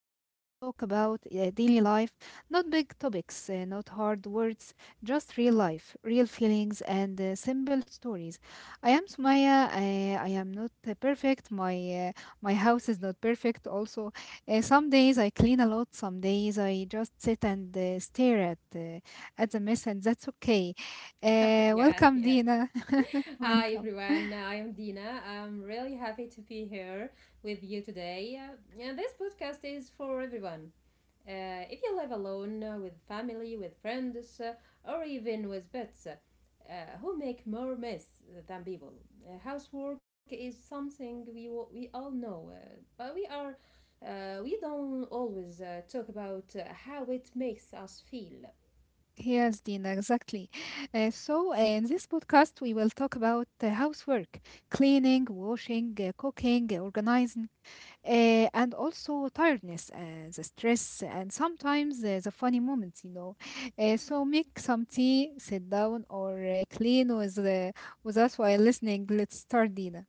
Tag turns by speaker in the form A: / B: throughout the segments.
A: where we talk about daily life, not big topics, not hard words, just real life, real feelings, and simple stories. I am Sumaya. I am not perfect. My uh, my house is not perfect. Also, some days I clean a lot. Some days I just sit and stare at the mess, and that's okay.
B: Yeah,
A: Welcome,
B: yeah.
A: Dina.
B: Hi
A: Welcome.
B: everyone, I am Dina. I'm really happy to be here with you today. Yeah, this podcast is for everyone. If you live alone, with family, with friends, or even with pets, who make more mess than people. Housework is something we all know, but we don't always talk about how it makes us feel.
A: Yes, Dina, exactly. In this podcast, we will talk about housework, cleaning, washing, cooking, organizing, and also tiredness, the stress, and sometimes the funny moments, you know. Make some tea, sit down, or clean with us while listening. Let's start, Dina.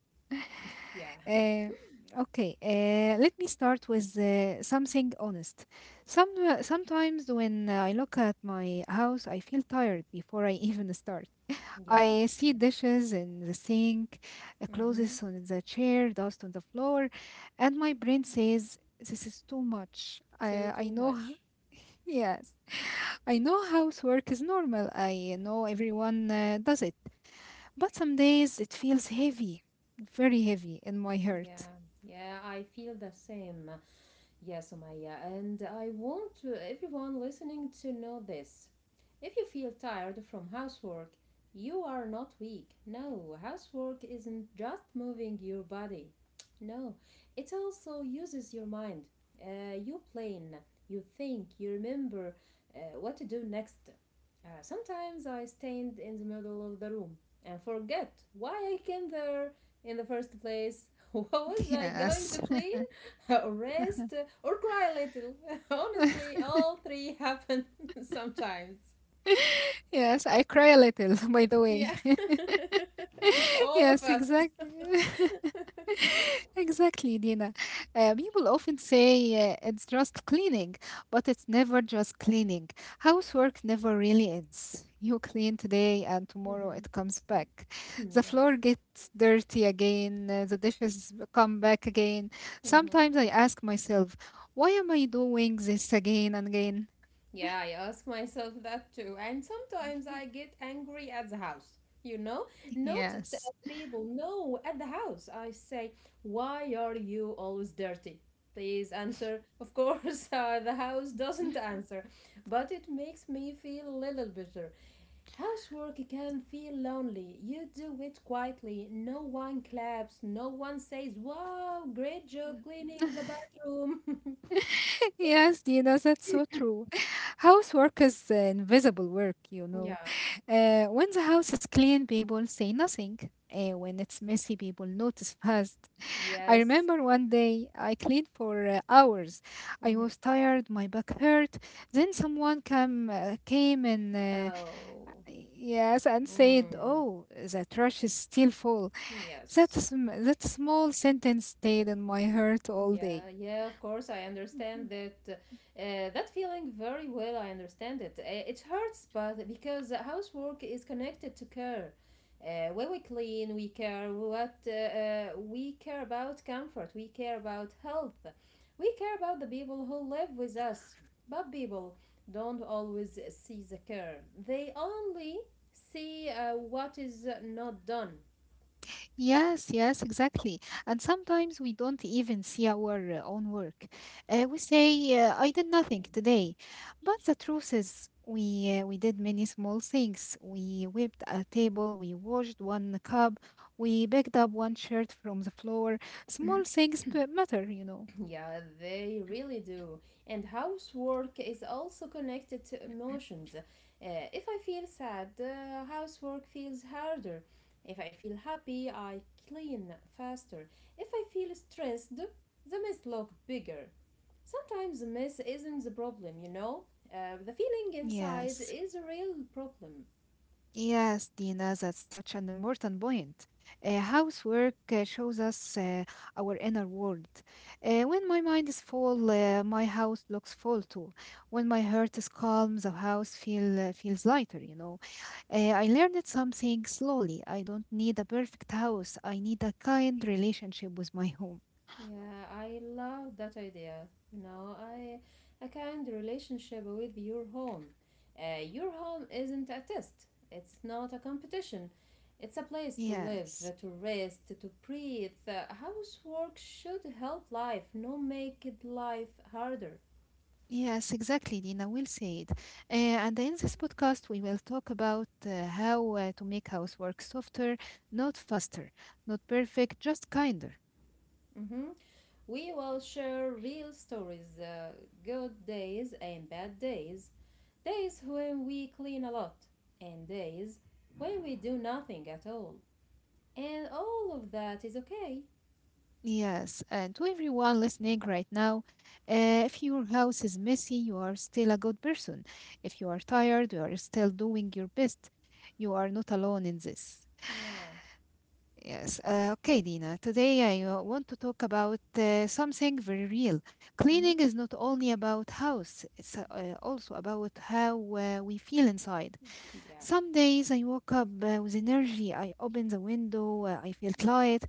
B: Yeah,
A: Uh, okay, let me start with something honest. Sometimes when I look at my house, I feel tired before I even start.
B: yeah.
A: I see dishes in the sink,
B: Mm-hmm.
A: clothes on the chair, dust on the floor, and my brain says, "This is too much." I
B: Too
A: I know.
B: much.
A: Yes. I know housework is normal. I know everyone does it. But some days it feels heavy, very heavy in my heart.
B: Yeah, yeah, I feel the same. Yes, Omaya, and I want everyone listening to know this. If you feel tired from housework, you are not weak. No, housework isn't just moving your body. No, it also uses your mind. You plan, you think, you remember what to do next. Sometimes I stand in the middle of the room and forget why I came there in the first place. What was I going
A: Yes.
B: to clean? Or rest, or cry a little. Honestly, all three happen sometimes.
A: Yes, I cry a little, by the way.
B: Yeah, all of
A: Yes,
B: us.
A: exactly. Exactly, Dina. People often say it's just cleaning, but it's never just cleaning. Housework never really ends. You clean today, and tomorrow
B: Mhm.
A: it comes back. The
B: Yeah.
A: floor gets dirty again, the dishes come back again.
B: Mhm.
A: Sometimes I ask myself, why am I doing this again and again?
B: Yeah, I ask myself that too. And sometimes I get angry at the house, you know? Not at the
A: Yes.
B: people, no, at the house. I say, "Why are you always dirty? Please answer." Of course, the house doesn't answer, but it makes me feel a little bit. Housework can feel lonely. You do it quietly. No one claps. No one says, "Wow, great job cleaning the bathroom."
A: Yes, Dina, that's so true. Housework is invisible work, you know.
B: Yeah.
A: When the house is clean, people say nothing. When it's messy, people notice fast. I
B: Yes.
A: remember one day I cleaned for hours. I
B: Mhm.
A: was tired, my back hurt. Then someone came, uh, came and uh,
B: Oh.
A: yes, and said,
B: Mm.
A: "Oh, the trash is still full."
B: Yes.
A: That small sentence stayed in my heart all
B: Yeah,
A: day.
B: yeah, of course, I
A: Mhm.
B: understand that.
A: Mm.
B: That feeling very well, I understand it. It hurts, but because housework is connected to care. When we clean, we care about comfort, we care about health, we care about the people who live with us. But people don't always see the care, they only see what is not done.
A: Yes, yes, exactly. And sometimes we don't even see our own work. We say, I did nothing today. But the truth is, we did many small things. We whipped a table, we washed one cup, we picked up one shirt from the floor. Small things but matter, you know.
B: Yeah, they really do. And housework is also connected to emotions. If I feel sad, housework feels harder. If I feel happy, I clean faster. If I feel stressed, the mess looks bigger. Sometimes the mess isn't the problem, you know? The feeling inside
A: Yes.
B: is a real problem.
A: Yes, Dina, that's such an important point. Housework shows us our inner world. When my mind is full, my house looks full too. When my heart is calm, the house feels lighter. You know, I learned something slowly. I don't need a perfect house. I need a kind relationship with my home.
B: Yeah, I love that idea. You know, I a kind relationship with your home. Your home isn't a test. It's not a competition. It's a place to live,
A: Yes.
B: to rest, to breathe. Housework should help life, not make it life harder.
A: Yes, exactly, Dina. Well said. And in this podcast, we will talk about how to make housework softer, not faster, not perfect, just kinder.
B: Mm-hmm. We will share real stories, good days and bad days, days when we clean a lot, and days when we do nothing at all. And all of that is okay.
A: Yes, and to everyone listening right now, if your house is messy, you are still a good person. If you are tired, you are still doing your best. You are not alone in this.
B: Yeah.
A: Yes. Okay, Dina. Today I want to talk about something very real.
B: Mm-hmm.
A: Cleaning is not only about house, it's also about how we feel inside.
B: Yeah.
A: Some days I woke up with energy, I open the window, I feel light,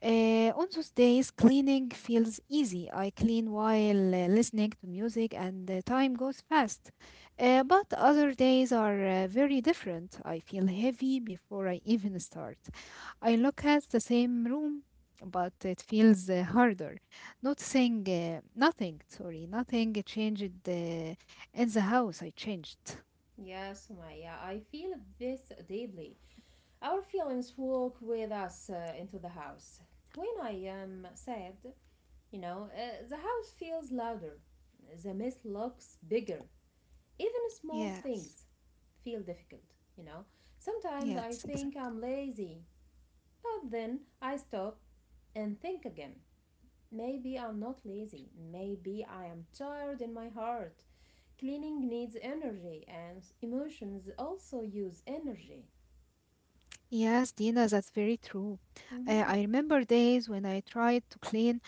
A: on those days, cleaning feels easy. I clean while listening to music, and the time goes fast. But other days are very different. I feel heavy before I even start. I look at the same room, but it feels harder. Noticing nothing changed in the house. I changed.
B: Yes, Maya, I feel this deeply. Our feelings walk with us into the house. When I am sad, you know, the house feels louder. The mess looks bigger. Even small
A: Yes,
B: things feel difficult, you know. Sometimes I
A: yes,
B: think
A: exactly.
B: I'm lazy, but then I stop and think again. Maybe I'm not lazy. Maybe I am tired in my heart. Cleaning needs energy, and emotions also use energy.
A: Yes, Dina, that's very true.
B: Mhm.
A: I remember days when I tried to clean,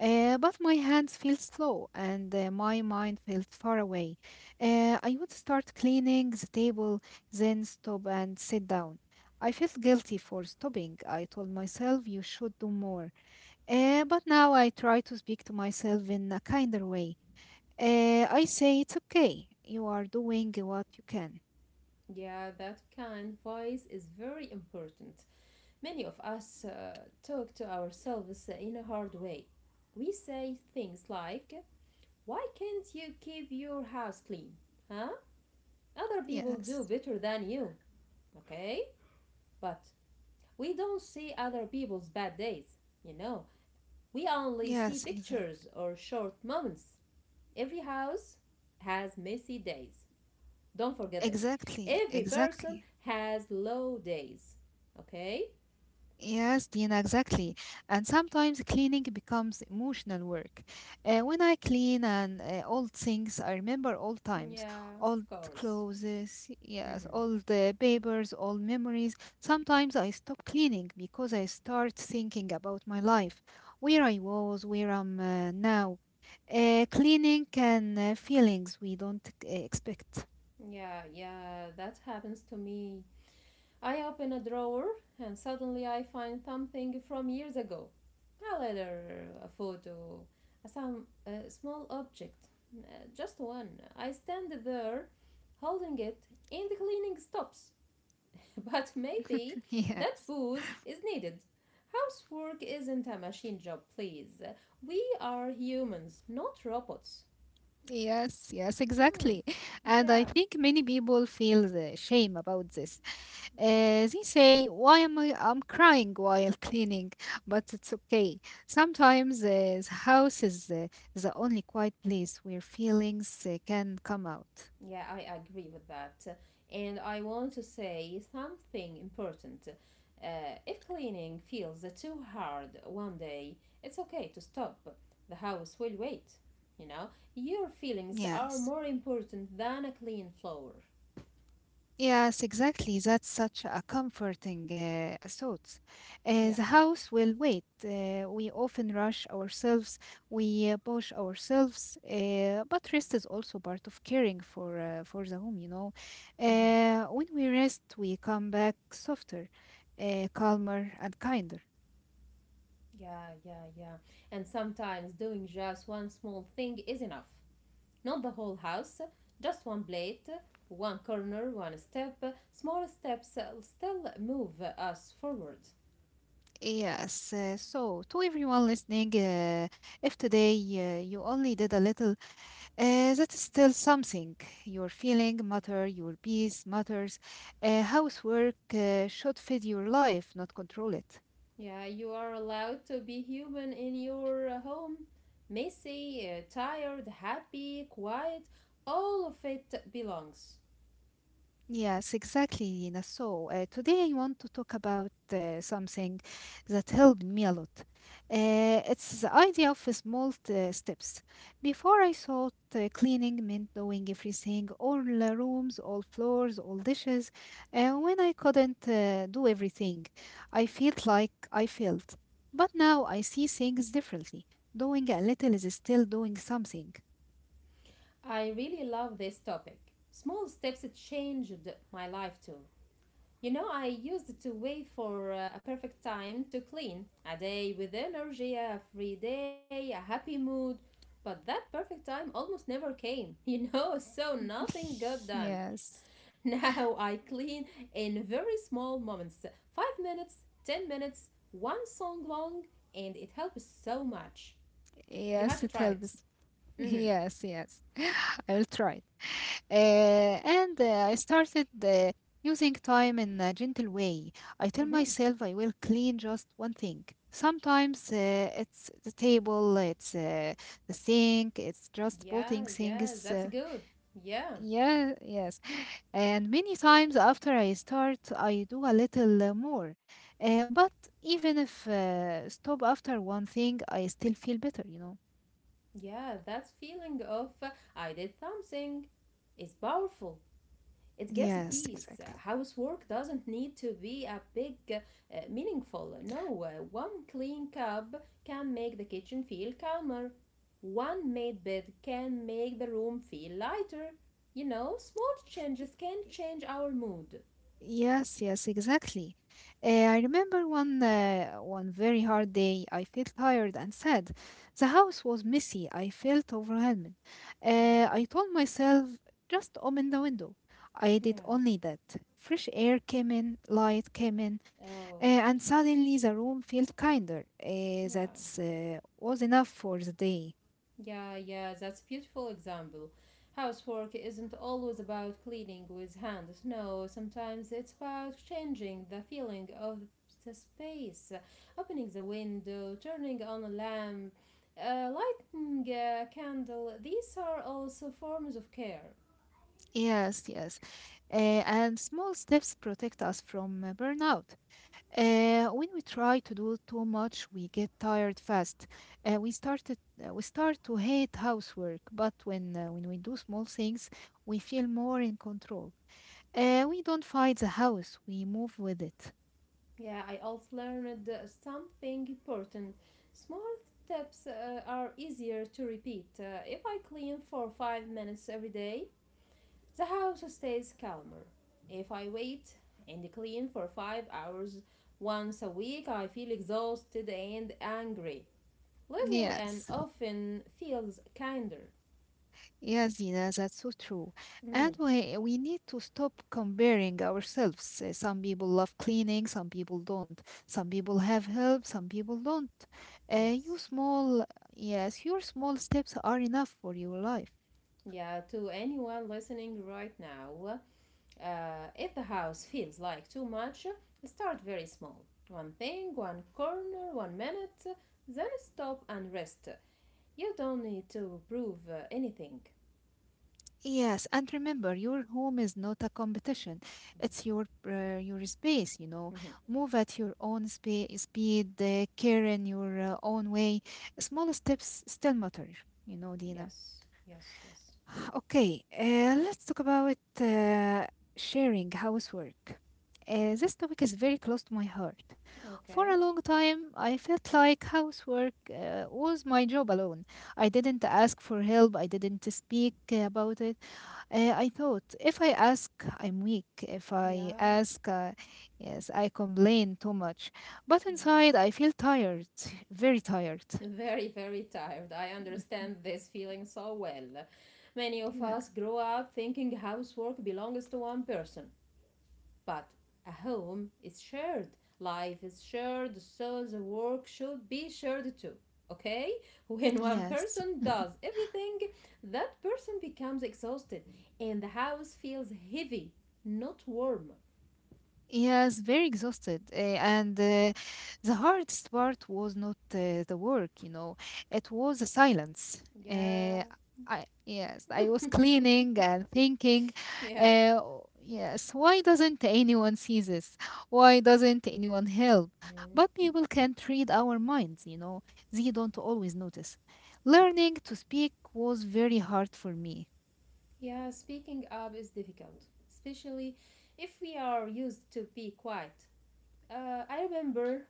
A: but my hands felt slow and my mind felt far away. I would start cleaning the table, then stop and sit down. I felt guilty for stopping. I told myself you should do more. But now I try to speak to myself in a kinder way. I say it's okay. You are doing what you can.
B: Yeah, that kind voice is very important. Many of us talk to ourselves in a hard way. We say things like, "Why can't you keep your house clean? Huh? Other people do
A: Yes,
B: better than you." Okay? But we don't see other people's bad days, you know. We only see
A: yes, exactly.
B: pictures or short moments. Every house has messy days. Don't forget this.
A: Exactly,
B: Every person
A: exactly.
B: has low days. Okay?
A: Yes, Dina, exactly. And sometimes cleaning becomes emotional work. When I clean and old things, I remember old times,
B: Yeah.
A: old
B: Of course.
A: clothes, yes,
B: Hmm.
A: old papers, old memories. Sometimes I stop cleaning because I start thinking about my life, where I was, where I'm now. Cleaning can feelings we don't expect.
B: Yeah, yeah, that happens to me. I open a drawer and suddenly I find something from years ago, a letter, a photo, a small object, just one. I stand there holding it and the cleaning stops. But maybe that
A: Yes.
B: booze is needed. Housework isn't a machine job, please. We are humans, not robots.
A: Yes, yes, exactly.
B: Hmm,
A: And I
B: yeah.
A: think many people feel the shame about this. They say, "Why am I? I'm crying while cleaning," but it's okay. Sometimes the house is the only quiet place where feelings can come out.
B: Yeah, I agree with that. And I want to say something important. If cleaning feels too hard one day, it's okay to stop. The house will wait. You know, your feelings are
A: Yes.
B: more important than a clean floor.
A: Yes, exactly. That's such a comforting thought.
B: Yeah.
A: The house will wait. We often rush ourselves, we push ourselves, but rest is also part of caring for the home, you know.
B: Mhm.
A: When we rest, we come back softer, calmer, and kinder.
B: Yeah, yeah, yeah. And sometimes doing just one small thing is enough. Not the whole house, just one plate, one corner, one step. Small steps still move us forward.
A: Yes. To everyone listening, if today you only did a little. That is still something. Your feeling matter, your peace matters. Housework should feed your life, not control it.
B: Yeah, you are allowed to be human in your home. Messy, tired, happy, quiet, all of it belongs.
A: Yes, exactly, Nina. So today I want to talk about something that helped me a lot. It's the idea of small steps. Before I thought cleaning meant doing everything, all the rooms, all floors, all dishes. And when I couldn't do everything, I felt like I failed. But now I see things differently. Doing a little is still doing something.
B: I really love this topic. Small steps changed my life too. You know, I used to wait for a perfect time to clean. A day with energy, a free day, a happy mood. But that perfect time almost never came, you know, so nothing got done.
A: Yes,
B: Now I clean in very small moments, 5 minutes, 10 minutes, one song long, and it helps so much.
A: yes, it
B: You have to try
A: helps.
B: it.
A: Yes,
B: Mm-hmm.
A: yes. I will try it. Uh, and I started using time in a gentle way. I tell myself I
B: Mm-hmm.
A: will clean just one thing. Sometimes it's the table, it's the sink, it's just putting
B: Yeah,
A: things.
B: yeah, that's good. Yeah.
A: Yeah, yes. And many times after I start, I do a little more. But even if stop after one thing, I still feel better, you know.
B: Yeah, that feeling of "I did something" is powerful. It gives
A: Yes,
B: peace. Uh,
A: exactly.
B: Housework doesn't need to be a big, meaningful. No, one clean cup can make the kitchen feel calmer. One made bed can make the room feel lighter. You know, small changes can change our mood.
A: Yes, yes, exactly. I remember one very hard day. I felt tired and sad. The house was messy. I felt overwhelmed.
B: Oh,
A: I told myself, just open the window. I did
B: yeah.
A: only that. Fresh air came in, light came in,
B: Oh,
A: and suddenly the room felt kinder. Uh, that
B: yeah.
A: uh, was enough for the day.
B: Yeah, yeah, that's a beautiful example. Housework isn't always about cleaning with hands. No, sometimes it's about changing the feeling of the space, opening the window, turning on a lamp, lighting a candle. These are also forms of care.
A: Yes, yes. And small steps protect us from burnout. When we try to do too much, we get tired fast. Uh, we started, we start to hate housework, but when we do small things, we feel more in control. We don't fight the house; we move with it.
B: Yeah, I also learned something important. Small steps are easier to repeat. If I clean for 5 minutes every day, the house stays calmer. If I wait and clean for 5 hours once a week, I feel exhausted and angry. Little and
A: Yes.
B: often feels kinder.
A: Yeah, Zina, that's so true. And
B: Mhm.
A: we need to stop comparing ourselves. Some people love cleaning, some people don't. Some people have help, some people don't. Uh, you
B: Yes.
A: small, yes, your small steps are enough for your life.
B: Yeah, to anyone listening right now, if the house feels like too much, start very small. One thing, one corner, 1 minute, then stop and rest. You don't need to prove anything.
A: Yes, and remember, your home is not a competition. It's your space, you know.
B: Mhm.
A: Move at your own speed, care in your own way. Small steps still matter, you know, Dina.
B: Yes, yes, yes.
A: Ah, okay, let's talk about sharing housework. This topic is very close to my heart. For a
B: Okay.
A: long time, I felt like housework was my job alone. I didn't ask for help, I didn't speak about it. I thought if I ask, I'm weak. If I
B: Yeah.
A: ask, yes, I complain too much. But
B: Mm.
A: inside, I feel tired, very tired.
B: Very, very tired. I understand this feeling so well. Many of
A: Yeah.
B: us grow up thinking housework belongs to one person, but a home is shared. Life is shared, so the work should be shared too. Okay? When one
A: Yes.
B: person does everything, that person becomes exhausted and the house feels heavy, not warm.
A: Yes, very exhausted. Eh, and The hardest part was not the work, you know, it was the silence.
B: Yeah.
A: Uh, yes, I was cleaning and thinking,
B: Yeah.
A: uh, yes, why doesn't anyone see this? Why doesn't anyone help? But people can't read our minds, you know, they don't always notice. Learning to speak was very hard for me.
B: Yeah, speaking up is difficult, especially if we are used to be quiet. I remember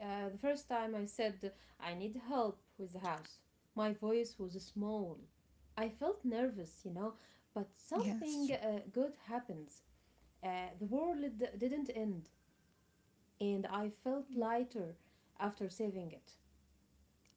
B: the first time I said, "I need help with the house." My voice was small. I felt nervous, you know, but something
A: Yes.
B: good happens. The world didn't end, and I felt lighter after saving it.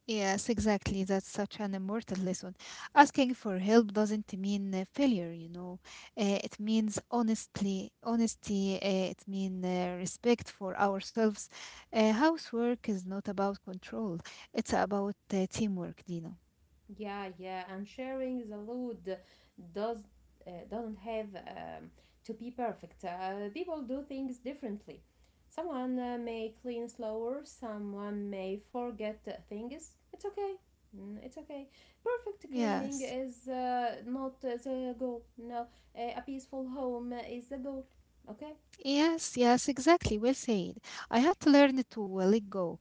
A: Yes, exactly. That's such an immortal lesson. Asking for help doesn't mean failure, you know. It means honestly, honesty. It means respect for ourselves. Housework is not about control. It's about teamwork, Dino.
B: Yeah, yeah, and sharing the load does doesn't have to be perfect. People do things differently. Someone may clean slower. Someone may forget things. It's okay. Mm. It's okay. Perfect cleaning
A: Yes.
B: is not the goal. No, a peaceful home is the goal. Okay.
A: Yes, yes, exactly. Well said. I had to learn to let go.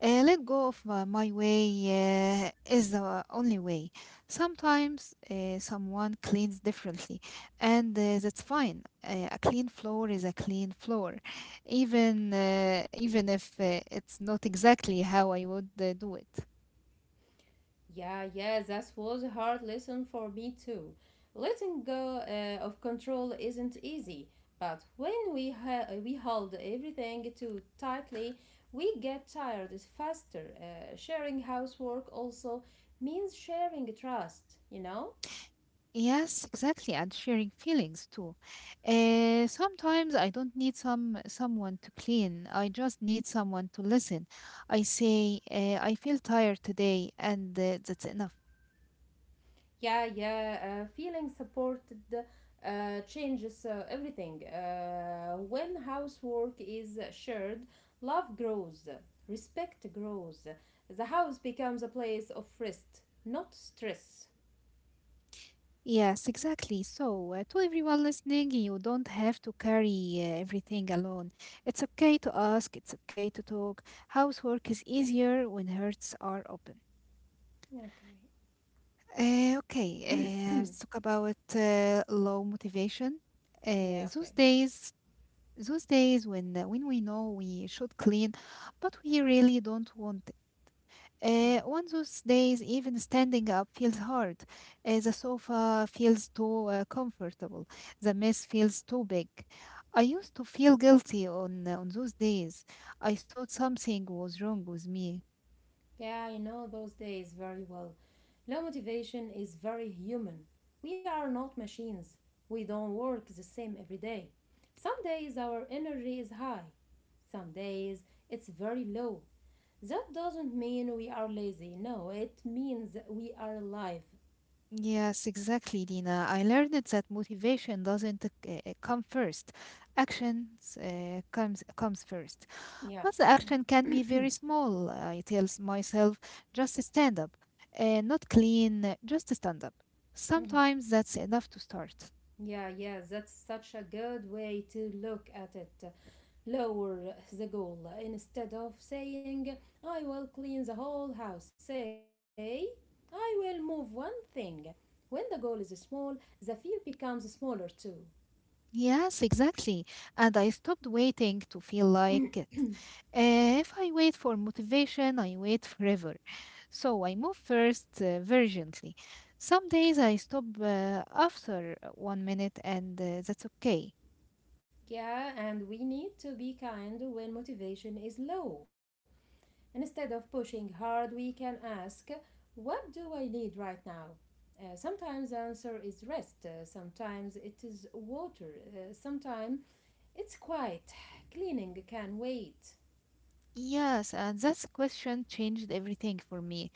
A: Let go of my way is the only way. Sometimes someone cleans differently, and that's fine. A clean floor is a clean floor, even if it's not exactly how I would do it.
B: Yeah, yeah, that was a hard lesson for me too. Letting go of control isn't easy, but when we hold everything too tightly, we get tired faster. Sharing housework also means sharing trust, you know?
A: Yes, exactly, and sharing feelings too. Sometimes I don't need someone to clean. I just need someone to listen. I say, I feel tired today, and that's enough.
B: Yeah, yeah, feeling supported changes everything when housework is shared, love grows, respect grows, the house becomes a place of rest, not stress.
A: Yes, exactly. So, to everyone listening, you don't have to carry everything alone. It's okay to ask. It's okay to talk. Housework is easier when hearts are open.
B: Okay.
A: Okay, let's talk about low motivation
B: Yeah,
A: those
B: okay.
A: days when we know we should clean, but we really don't want.
B: Hmm.
A: One those days, even standing up feels hard. The sofa feels too comfortable. The mess feels too big. I used to feel guilty on those days. I thought something was wrong with me.
B: Yeah, I know those days very well. Low motivation is very human. We are not machines. We don't work the same every day. Some days our energy is high, some days it's very low. That doesn't mean we are lazy. No, it means we are alive.
A: Yes, exactly, Dina. I learned that motivation doesn't come first. Actions comes first.
B: Yeah.
A: But the action can be very small. I tell myself, just stand up. Not clean, just stand up. Sometimes that's enough to start.
B: Yeah, yeah, that's such a good way to look at it. Lower the goal. Instead of saying, "I will clean the whole house," say, "I will move one thing." When the goal is small, the fear becomes smaller too.
A: Yes, exactly. And I stopped waiting to feel like it. If I wait for motivation, I wait forever. So I move first urgently. Some days I stop after 1 minute, and that's okay.
B: Yeah, and we need to be kind when motivation is low. Instead of pushing hard, we can ask, "What do I need right now?" Sometimes the answer is rest, sometimes it is water, sometimes it's quiet. Cleaning can wait.
A: Yes, and that question changed everything for me.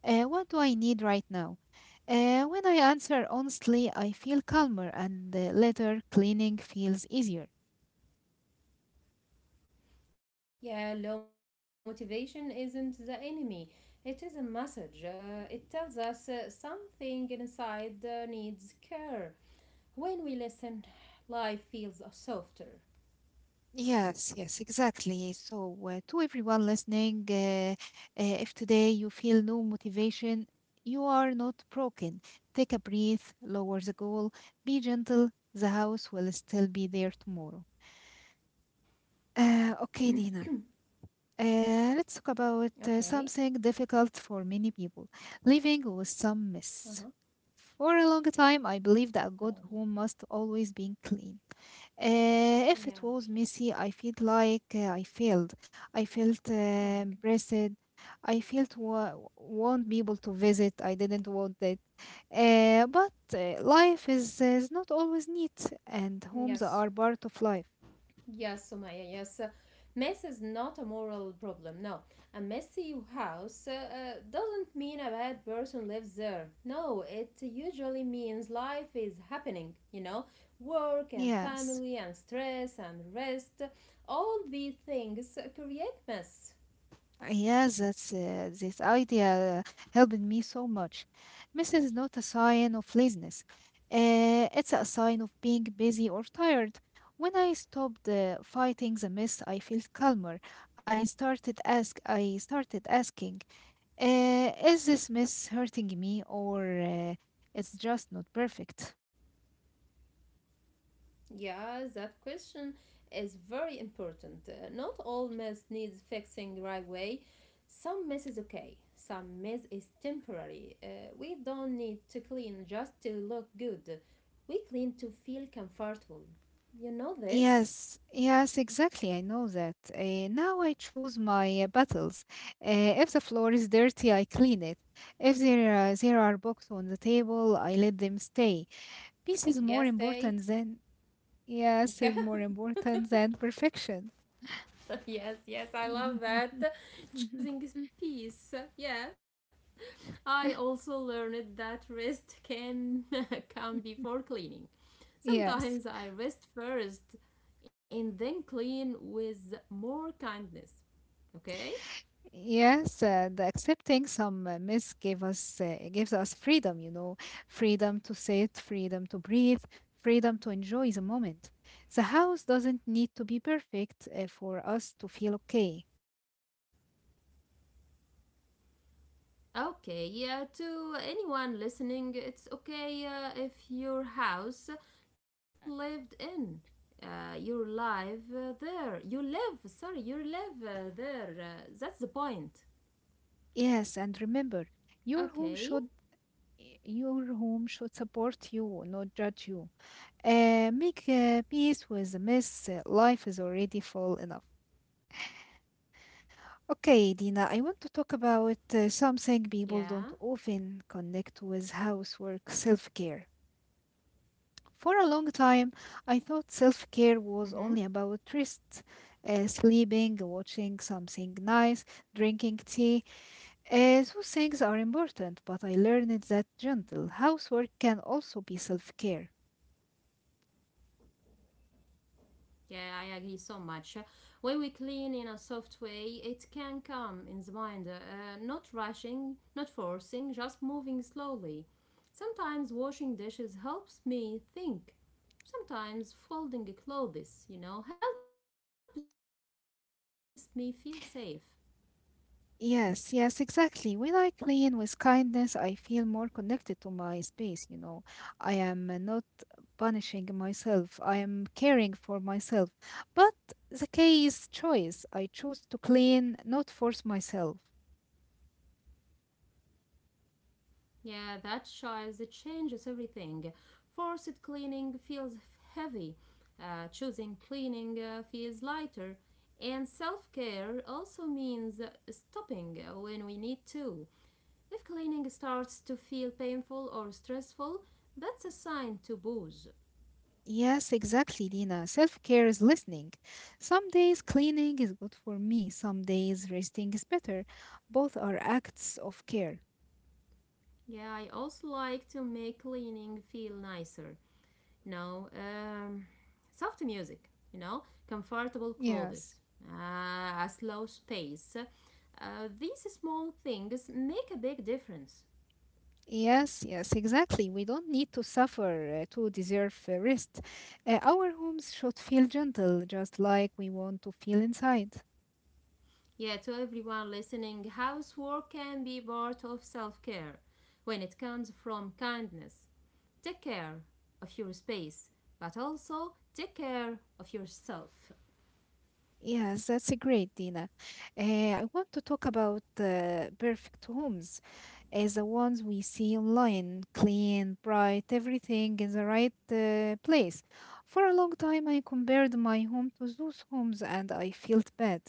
A: What do I need right now? When I answer honestly, I feel calmer, and later cleaning feels easier.
B: Yeah, low motivation isn't the enemy. It is a message. It tells us something inside needs care. When we listen, life feels softer.
A: Yes, yes, exactly. So, to everyone listening, if today you feel no motivation, you are not broken. Take a breath, lower the goal, be gentle. The house will still be there tomorrow. Okay, Dina. Let's talk about something
B: Okay.
A: difficult for many people living with some
B: Uh
A: mess.
B: huh.
A: For a long time, I believed that a good
B: Oh.
A: home must always be clean. If
B: Yeah.
A: it was messy, I felt like I failed. I felt
B: Oh my
A: embarrassed. I felt want people to visit. I didn't want it. But life is not always neat, and
B: god.
A: homes
B: Yes.
A: are part of life.
B: Yes, Sumaya, yes. Mess is not a moral problem, no. A messy house doesn't mean a bad person lives there. No, it usually means life is happening, you know. Work and
A: Yes.
B: family and stress and rest, all these things create mess.
A: Ah, Yes, that's this idea helped me so much. This is not a sign of laziness. It's a sign of being busy or tired. When I stopped fighting the mist, I felt calmer. I started asking, "Is this mist hurting me, or it's just not perfect?"
B: Yeah, that question is very important. Not all mess needs fixing right away. Some mess is okay. Some mess is temporary. We don't need to clean just to look good. We clean to feel comfortable. You know this?
A: Yes, yes, exactly. I know that. Now I choose my battles. Uh, if the floor is dirty, I clean it. If there are, there
B: Mm-hmm.
A: are books on the table, I let them stay. Peace is more
B: Yes, they.
A: important than, yes, is
B: Yeah.
A: more important than perfection.
B: Yes, yes, I love that. Choosing is peace. Yeah. I also learned that rest can come before cleaning.
A: yes.
B: Sometimes I rest first and then clean with more kindness. Okay?
A: Yes, the accepting some myths gave us gives us freedom, you know, freedom to sit, freedom to breathe, freedom to enjoy the moment. The house doesn't need to be perfect for us to feel okay.
B: Okay, yeah, to anyone listening, it's okay if your house looks lived in. You live there. You live there. That's the point.
A: Yes, and remember, your home
B: Okay,
A: should your home should support you, not judge you. Make peace with the mess. Life is already full enough. Okay, Dina, I want to talk about something
B: yeah.
A: people don't often connect with housework self care. For a long time, I thought self care was
B: Mm-hmm.
A: only about rest, sleeping, watching something nice, drinking tea. Those things are important, but I learned that gentle housework can also be self care.
B: Yeah, I agree so much. When we clean in a soft way, it can come in the mind, not rushing, not forcing, just moving slowly. Sometimes washing dishes helps me think. Sometimes folding clothes helps me feel safe.
A: Yes, yes, exactly. When I clean with kindness, I feel more connected to my space, you know. I am not punishing myself. I am caring for myself. But the key is choice. I choose to clean, not force myself.
B: Yeah, that choice it changes everything. Forced cleaning feels heavy, choosing cleaning feels lighter, and self care also means stopping when we need to. If cleaning starts to feel painful or stressful, that's a sign to pause.
A: Yes, exactly, Dina. Self care is listening. Some days cleaning is good for me, some days resting is better. Both are acts of care.
B: Yeah, I also like to make cleaning feel nicer. No, soft music, comfortable
A: Yes.
B: clothes, a slow space. These small things make a big difference.
A: Yes, yes, exactly. We don't need to suffer to deserve rest. Our homes should feel gentle, just like we want to feel inside.
B: Yeah, to everyone listening, housework can be part of self care when it comes from kindness. Take care of your space, but also take care of yourself.
A: Yes, that's a great, Dina. Uh, I want to talk about perfect homes as the ones we see online, clean, bright, everything in the right place. For a long time, I compared my home to those homes and I felt bad.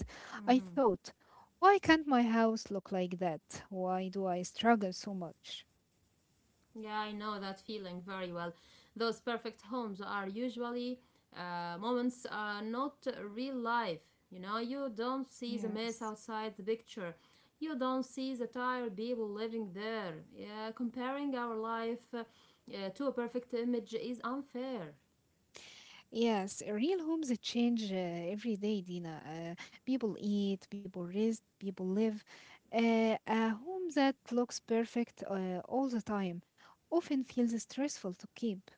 A: I thought, why can't my house look like that? Why do I struggle so much?
B: Yeah, I know that feeling very well. Those perfect homes are usually moments are not real life. You don't see the mess
A: Yes.
B: outside the picture. You don't see the tired people living there. Yeah, comparing our life to a perfect image is unfair.
A: Yes, real homes change every day, Dina. People eat, people rest, people live. A home that looks perfect all the time often feels stressful to keep.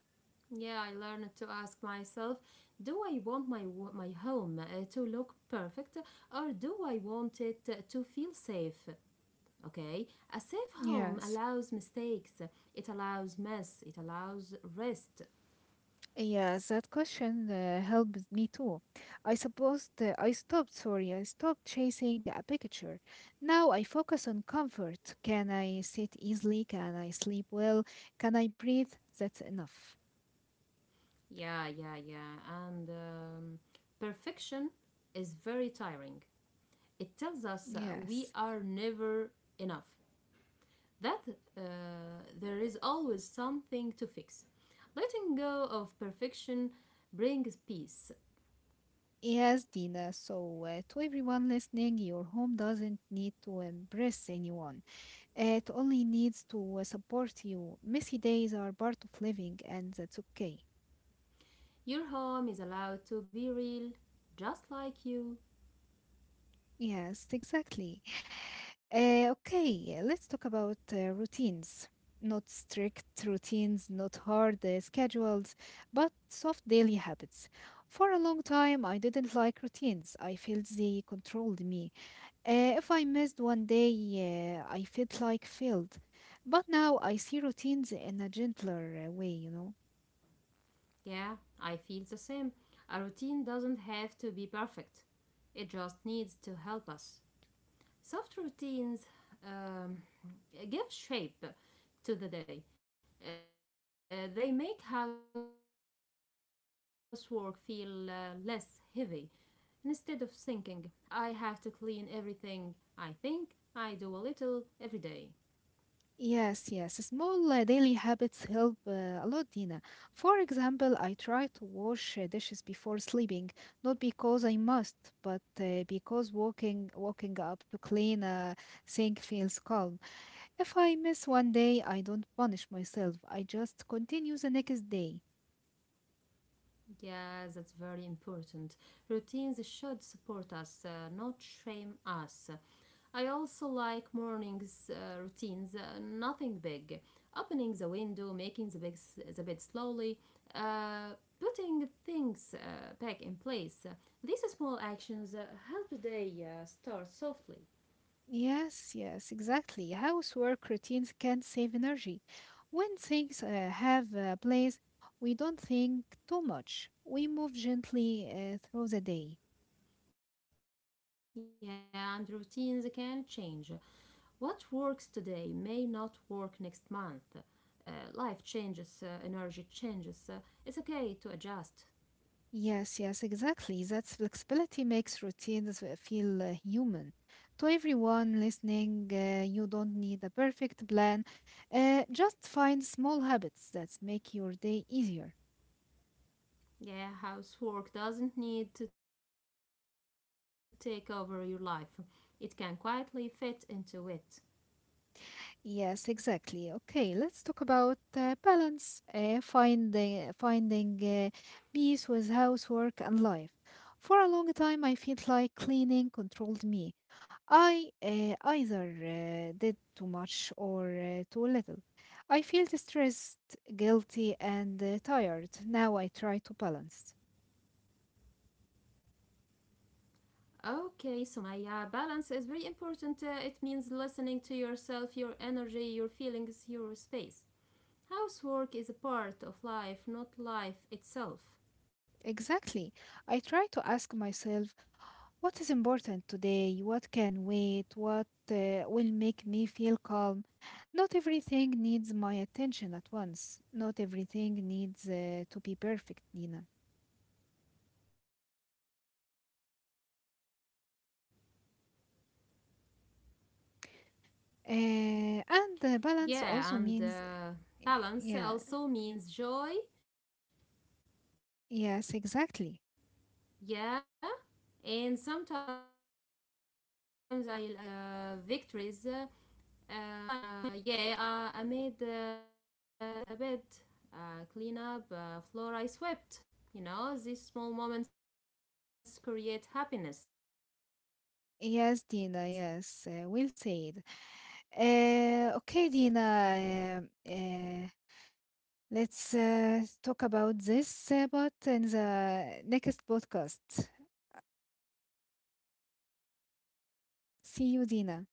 B: Yeah, I learned to ask myself, do I want my home to look perfect or do I want it to feel safe? Okay, a safe home
A: Yes,
B: allows mistakes, it allows mess, it allows rest.
A: yes, that question helped me too. I suppose I stopped, sorry, I stopped chasing a picture. Now I focus on comfort. Can I sit easily? Can I sleep well? Can I breathe? That's enough.
B: Yeah. And perfection is very tiring. It tells us we
A: Yes.
B: are never enough, that uh, there is always something to fix. Letting go of perfection brings peace.
A: Yes, Dina. So, to everyone listening, your home doesn't need to impress anyone. It only needs to support you. Messy days are part of living, and that's okay.
B: Your home is allowed to be real, just like you.
A: Yes, exactly. Okay, let's talk about routines. Not strict routines, not hard schedules, but soft daily habits. For a long time, I didn't like routines. I felt they controlled me. If I missed one day, I felt like failed. But now I see routines in a gentler way, you know.
B: Yeah, I feel the same. A routine doesn't have to be perfect, it just needs to help us. Soft routines um, give shape to the day. They make housework feel less heavy. Instead of thinking, I have to clean everything, I think I do a little every day.
A: Yes, yes. Small daily habits help a lot, Dina. For example, I try to wash dishes before sleeping, not because I must, but because walking up to clean a sink feels calm. If I miss one day, I don't punish myself. I just continue the next day.
B: Yes, that's very important. Routines should support us, not shame us. I also like mornings routines, nothing big. Opening the window, making the bed slowly, uh, putting things back in place. These small actions help the day start softly.
A: Yes, yes, exactly. Housework routines can save energy. When things have a place, we don't think too much. We move gently through the day.
B: Yeah, and routines can change. What works today may not work next month. Life changes, energy changes. It's okay to adjust.
A: Yes, yes, exactly. That flexibility makes routines feel human. To everyone listening, you don't need a perfect plan. Just find small habits that make your day easier.
B: Yeah, housework doesn't need to take over your life, it can quietly fit into it.
A: Yes, exactly. Okay, let's talk about balance, finding peace with housework and life. For a long time, I felt like cleaning controlled me. I either did too much or too little. I felt stressed, guilty, and tired. Now I try to balance.
B: Okay, so my balance is very important. It means listening to yourself, your energy, your feelings, your space. Housework is a part of life, not life itself.
A: Exactly. I try to ask myself. What is important today? What can wait? What will make me feel calm? Not everything needs my attention at once. Not everything needs to be perfect, Nina. And
B: Yeah,
A: balance
B: and
A: also means,
B: balance also
A: yeah,
B: means joy. Yeah,
A: yes,
B: and
A: exactly.
B: sometimes I dance while cleaning, sometimes I smile a little victories. Yeah, I made the bed, clean up, floor I swept. These small moments create happiness.
A: Yes, Dina, yes, we'll say it. Okay, Dina, uh,
B: Yeah, and I think this is a
A: let's
B: final
A: talk about this, but in the next podcast. See you, Dina.